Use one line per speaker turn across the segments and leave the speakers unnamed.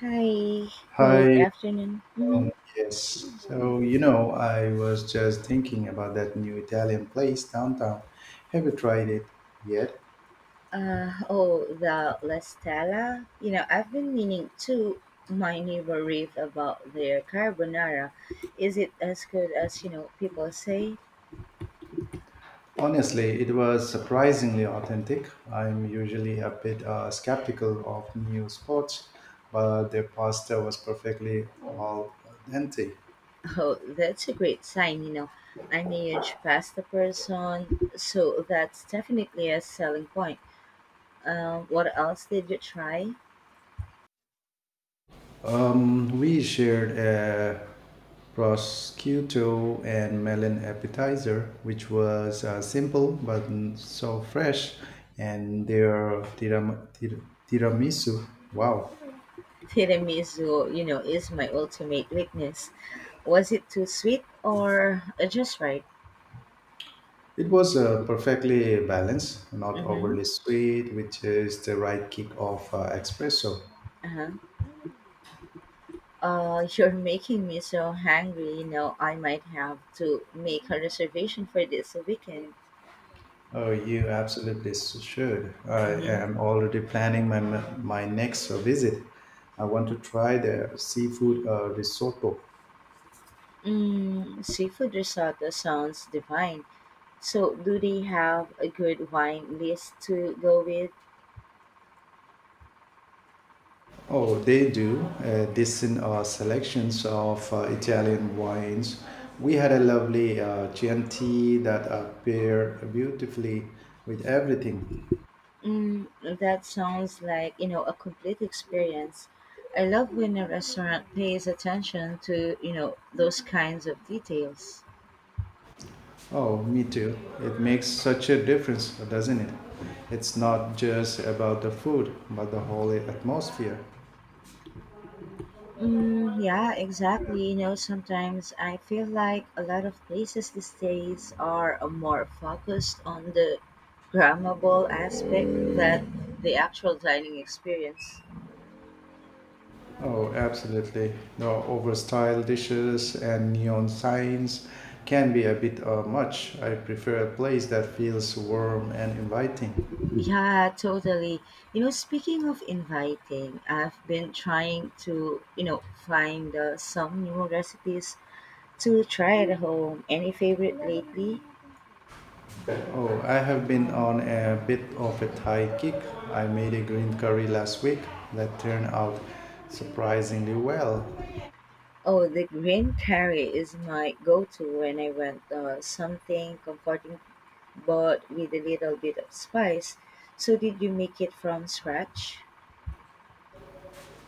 Hi, good
Hi,
afternoon.
um,
Mm-hmm.
yes. So, you know, I was just thinking about that new Italian place downtown. Have you tried it yet?
Oh, the La Stella. I've been meaning to. My neighbor raved about their carbonara. Is it as good as people say?
Honestly, it was surprisingly authentic. I'm usually a bit skeptical of new spots, but their pasta was perfectly al dente.
Oh, that's a great sign. I'm a huge pasta person, so that's definitely a selling point. What else did you try?
We shared a prosciutto and melon appetizer, which was simple but so fresh, and their tiramisu. Wow.
Tiramisu is my ultimate weakness. Was it too sweet or just right?
It was perfectly balanced, not
Mm-hmm.
overly sweet, which is the right kick of espresso.
Uh-huh. You're making me so hungry. I might have to make a reservation for this weekend.
Oh, you absolutely should. I
Mm-hmm.
am already planning my next visit. I want to try the seafood risotto.
Mm, seafood risotto sounds divine. So, do they have a good wine list to go with?
Oh, they do. This in selections of Italian wines. We had a lovely Chianti that paired beautifully with everything.
Mm, that sounds like a complete experience. I love when a restaurant pays attention to those kinds of details.
Oh, me too. It makes such a difference, doesn't it? It's not just about the food, but the whole atmosphere.
Mm, yeah, exactly. Sometimes I feel like a lot of places these days are more focused on the grammable aspect than the actual dining experience.
Oh, absolutely. The overstyled dishes and neon signs can be a bit much. I prefer a place that feels warm and inviting.
Yeah, totally. Speaking of inviting, I've been trying to find some new recipes to try at home. Any favorite lately?
Oh, I have been on a bit of a Thai kick. I made a green curry last week that turned out surprisingly well.
Oh, the green curry is my go-to when I want something comforting but with a little bit of spice. So, did you make it from scratch?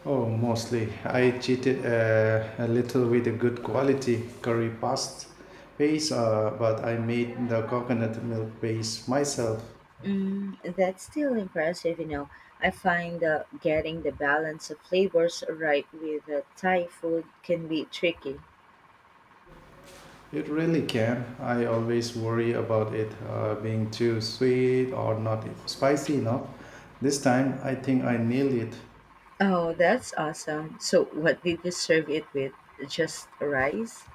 Oh, mostly. I cheated a little with a good quality curry paste base, but I made the coconut milk base myself.
Mm, that's still impressive. I find getting the balance of flavors right with Thai food can be tricky.
It really can. I always worry about it being too sweet or not spicy enough. This time, I think I nailed it.
Oh, that's awesome. So, what did you serve it with? Just rice?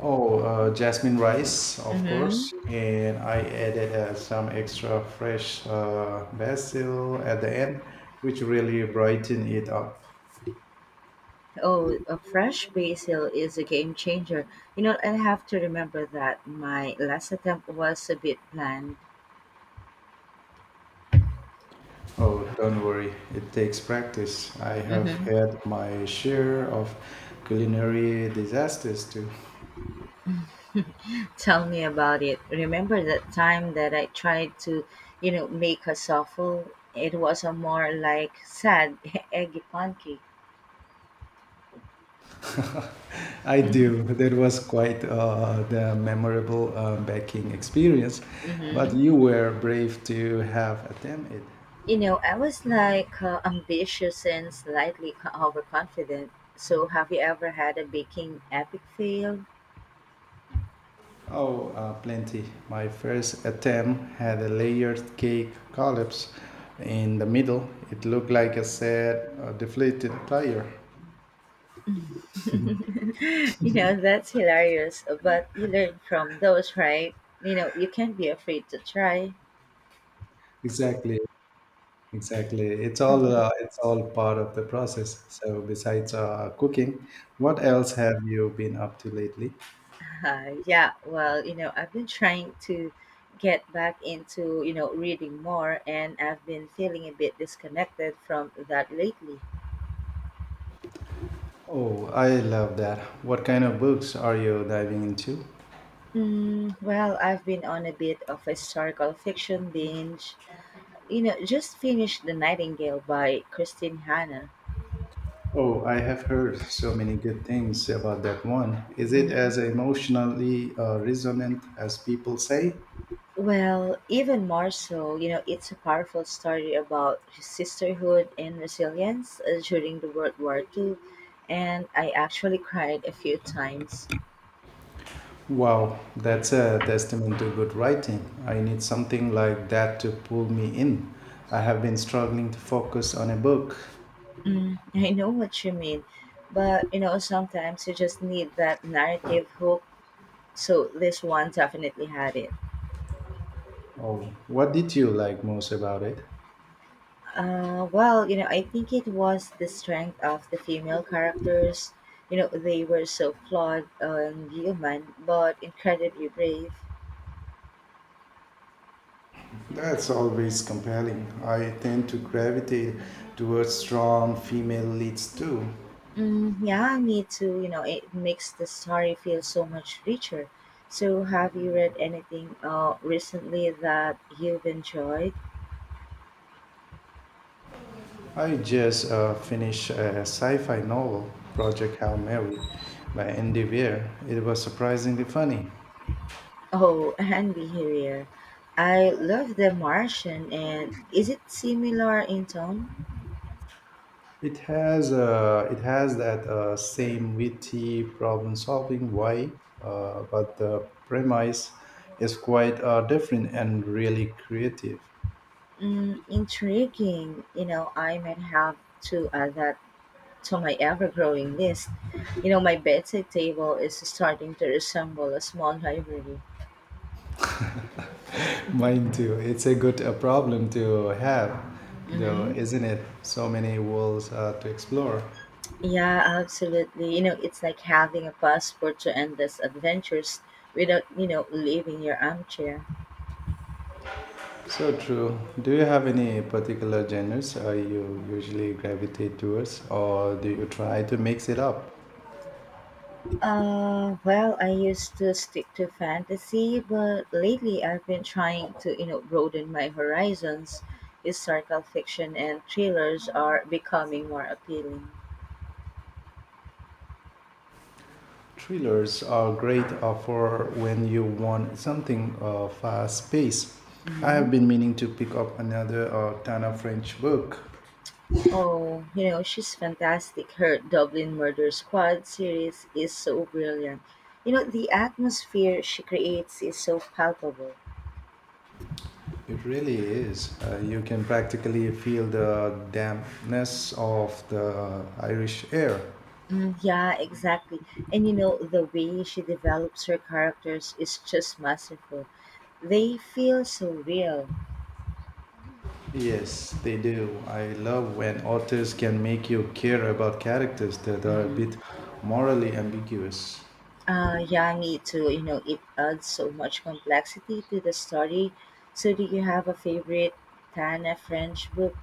Oh, jasmine rice, of course.
Mm-hmm.
And I added some extra fresh basil at the end, which really brighten it up.
Oh, a fresh basil is a game changer. I have to remember that my last attempt was a bit bland.
Oh, don't worry, it takes practice. I have
Mm-hmm.
had my share of culinary disasters too.
Tell me about it. Remember that time that I tried to make a souffle? It was a more like sad eggy pancake.
I do. That was quite the memorable baking experience, but
Mm-hmm.
you were brave to have attempted it.
I was like ambitious and slightly overconfident. So, have you ever had a baking epic fail?
Oh, plenty. My first attempt had a layered cake collapse in the middle. It looked like a sad, deflated tire.
That's hilarious, but you learn from those, right? You can't be afraid to try.
Exactly, exactly. It's all part of the process. So, besides cooking, what else have you been up to lately?
Yeah, well, I've been trying to get back into reading more, and I've been feeling a bit disconnected from that lately.
Oh, I love that. What kind of books are you diving into?
Mm, well, I've been on a bit of a historical fiction binge. Just finished The Nightingale by Christine Hanna.
Oh, I have heard so many good things about that one. Is it
Hmm.
as emotionally resonant as people say?
Well, even more so it's a powerful story about sisterhood and resilience during the World War II, and I actually cried a few times.
Wow, that's a testament to good writing. I need something like that to pull me in. I have been struggling to focus on a book.
Mm, I know what you mean, but sometimes you just need that narrative hook. So this one definitely had it.
Oh, what did you like most about it?
Well, I think it was the strength of the female characters. They were so flawed and human, but incredibly brave.
That's always compelling. I tend to gravitate towards strong female leads too.
Mm, yeah, me too. It makes the story feel so much richer. So, have you read anything recently that you've enjoyed?
I just finished a sci-fi novel, Project Hail Mary, by Andy Weir. It was surprisingly funny.
Oh, and behavior. I love The Martian, and is it similar in tone?
It has that same witty problem-solving vibe, but the premise is quite different and really creative.
Mm, intriguing. I might have to add that to my ever-growing list. My bedside table is starting to resemble a small library.
Mine too. It's a good problem to have, though,
Mm-hmm.
isn't it? So many worlds to explore.
Yeah, absolutely. It's like having a passport to endless adventures without leaving your armchair.
So true. Do you have any particular genres you usually gravitate towards, or do you try to mix it up?
Well, I used to stick to fantasy, but lately I've been trying to broaden my horizons. Historical fiction and thrillers are becoming more appealing.
Thrillers are great for when you want something fast paced. I have
Hmm.
been meaning to pick up another Tana French book.
Oh, she's fantastic. Her Dublin Murder Squad series is so brilliant. The atmosphere she creates is so palpable.
It really is. You can practically feel the dampness of the Irish air.
Mm, yeah, exactly. And the way she develops her characters is just masterful. They feel so real.
Yes, they do. I love when authors can make you care about characters that are a
Hmm.
bit morally ambiguous.
Yeah, me too. It adds so much complexity to the story. So, do you have a favorite Tana French book?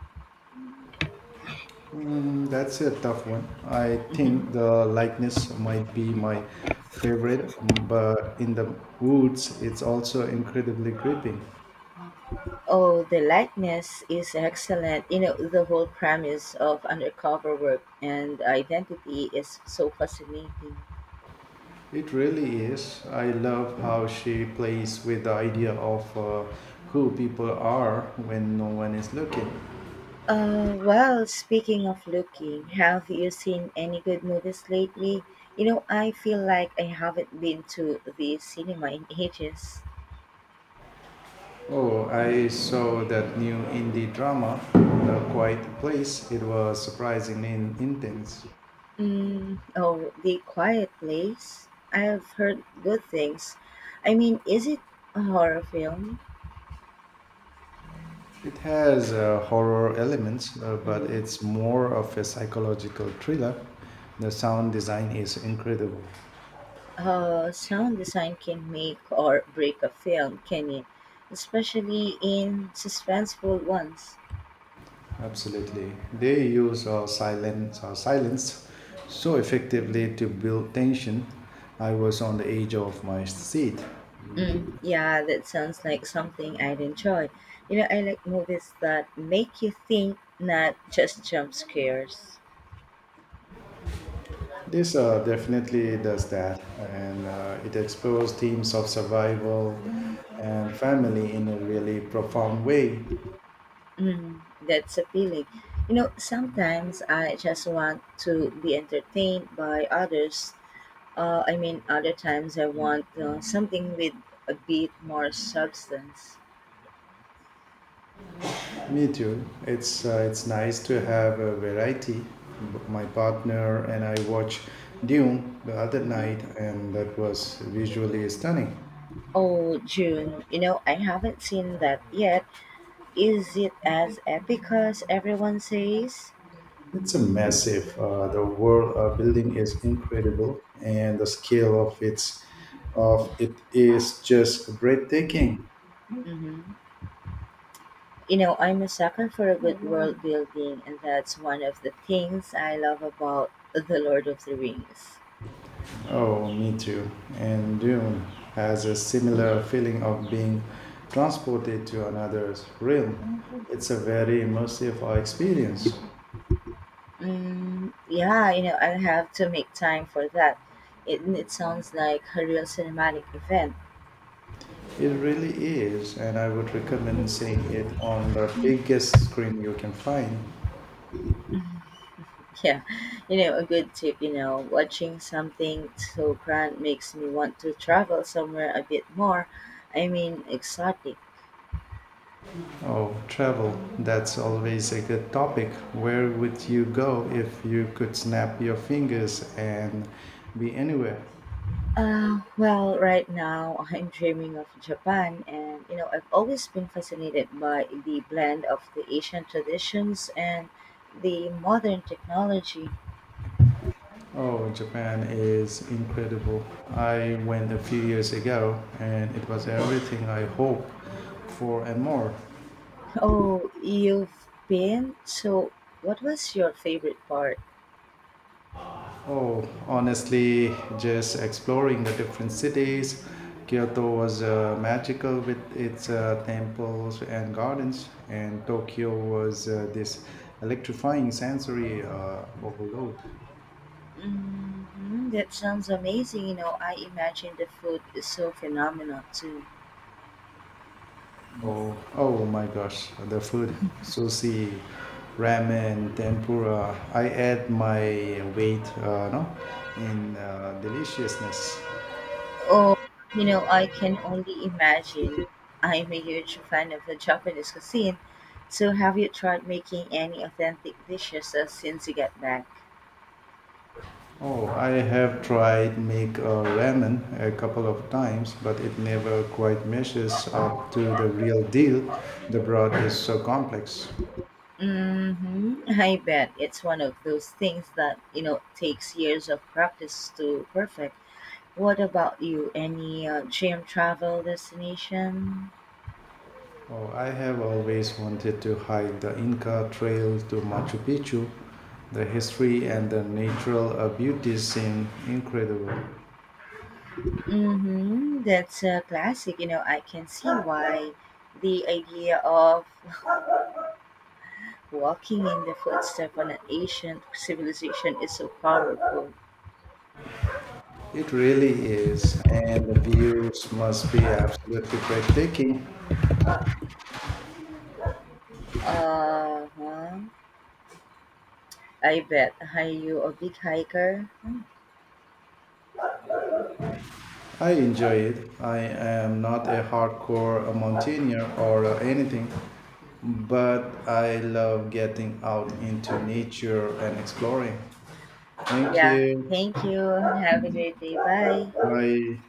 Mm, that's a tough one. I think
Hmm.
the likeness might be my favorite, mm, but in the woods, it's also incredibly gripping.
Oh, The Likeness is excellent. The whole premise of undercover work and identity is so fascinating.
It really is. I love how she plays with the idea of who people are when no one is looking.
Well, speaking of looking, have you seen any good movies lately? I feel like I haven't been to the cinema in ages.
Oh, I saw that new indie drama, The Quiet Place. It was surprisingly intense.
Mm, oh, The Quiet Place. I've heard good things. I mean, is it a horror film?
It has horror elements, but
Hmm.
it's more of a psychological thriller. The sound design is incredible.
Sound design can make or break a film, can it? Especially in suspenseful ones.
Absolutely. They use silence so effectively to build tension. I was on the edge of my seat.
Mm, yeah, that sounds like something I'd enjoy. I like movies that make you think, not just jump scares.
This definitely does that, and it explores themes of survival and family in a really profound way.
Mm, that's appealing. Sometimes I just want to be entertained by others. I mean, other times I want something with a bit more substance.
Me too. It's nice to have a variety. My partner and I watched Dune the other
Mhm.
night, and that was visually stunning.
Oh, June, I haven't seen that yet. Is it as epic as everyone says?
It's a massive. The world building is incredible, and the scale of its of it is just breathtaking.
Hmm. I'm a sucker for a good world building, and that's one of the things I love about The Lord of the Rings.
Oh, me too. And Dune has a similar feeling of being transported to another realm. It's a very immersive experience.
Mm, yeah, I'll have to make time for that. It sounds like a real cinematic event.
It really is, and I would recommend seeing it on the biggest screen you can find.
Yeah, a good tip, watching something so grand makes me want to travel somewhere a bit more. I mean, exotic.
Oh, travel. That's always a good topic. Where would you go if you could snap your fingers and be anywhere?
Well, right now I'm dreaming of Japan, and I've always been fascinated by the blend of the Asian traditions and the modern technology.
Oh, Japan is incredible. I went a few years ago and it was everything I hope for and more.
Oh, you've been? So, what was your favorite part?
Oh, honestly, just exploring the different cities. Kyoto was magical with its temples and gardens, and Tokyo was this electrifying sensory overload.
Hmm, that sounds amazing. I imagine the food is so phenomenal too.
Oh, oh my gosh, the food, sushi, ramen, tempura. I add my weight, no, in deliciousness.
Oh, I can only imagine. I'm a huge fan of the Japanese cuisine. So, have you tried making any authentic dishes since you got back?
Oh, I have tried make ramen a couple of times, but it never quite measures up to the real deal. The broth is so complex.
Mm-hmm. I bet it's one of those things that takes years of practice to perfect. What about you? Any dream travel destination?
Oh, I have always wanted to hike the Inca Trail to Machu Picchu. The history and the natural beauty seem incredible.
Mm-hmm. That's a classic. I can see why the idea of walking in the footsteps of an ancient civilization is so powerful.
It really is, and the views must be absolutely breathtaking.
Uh huh. I bet. Are you a big hiker?
I enjoy it. I am not a hardcore a mountaineer or anything, but I love getting out into nature and exploring. Thank
Yeah.
you.
Thank you. Have a great day. Bye.
Bye.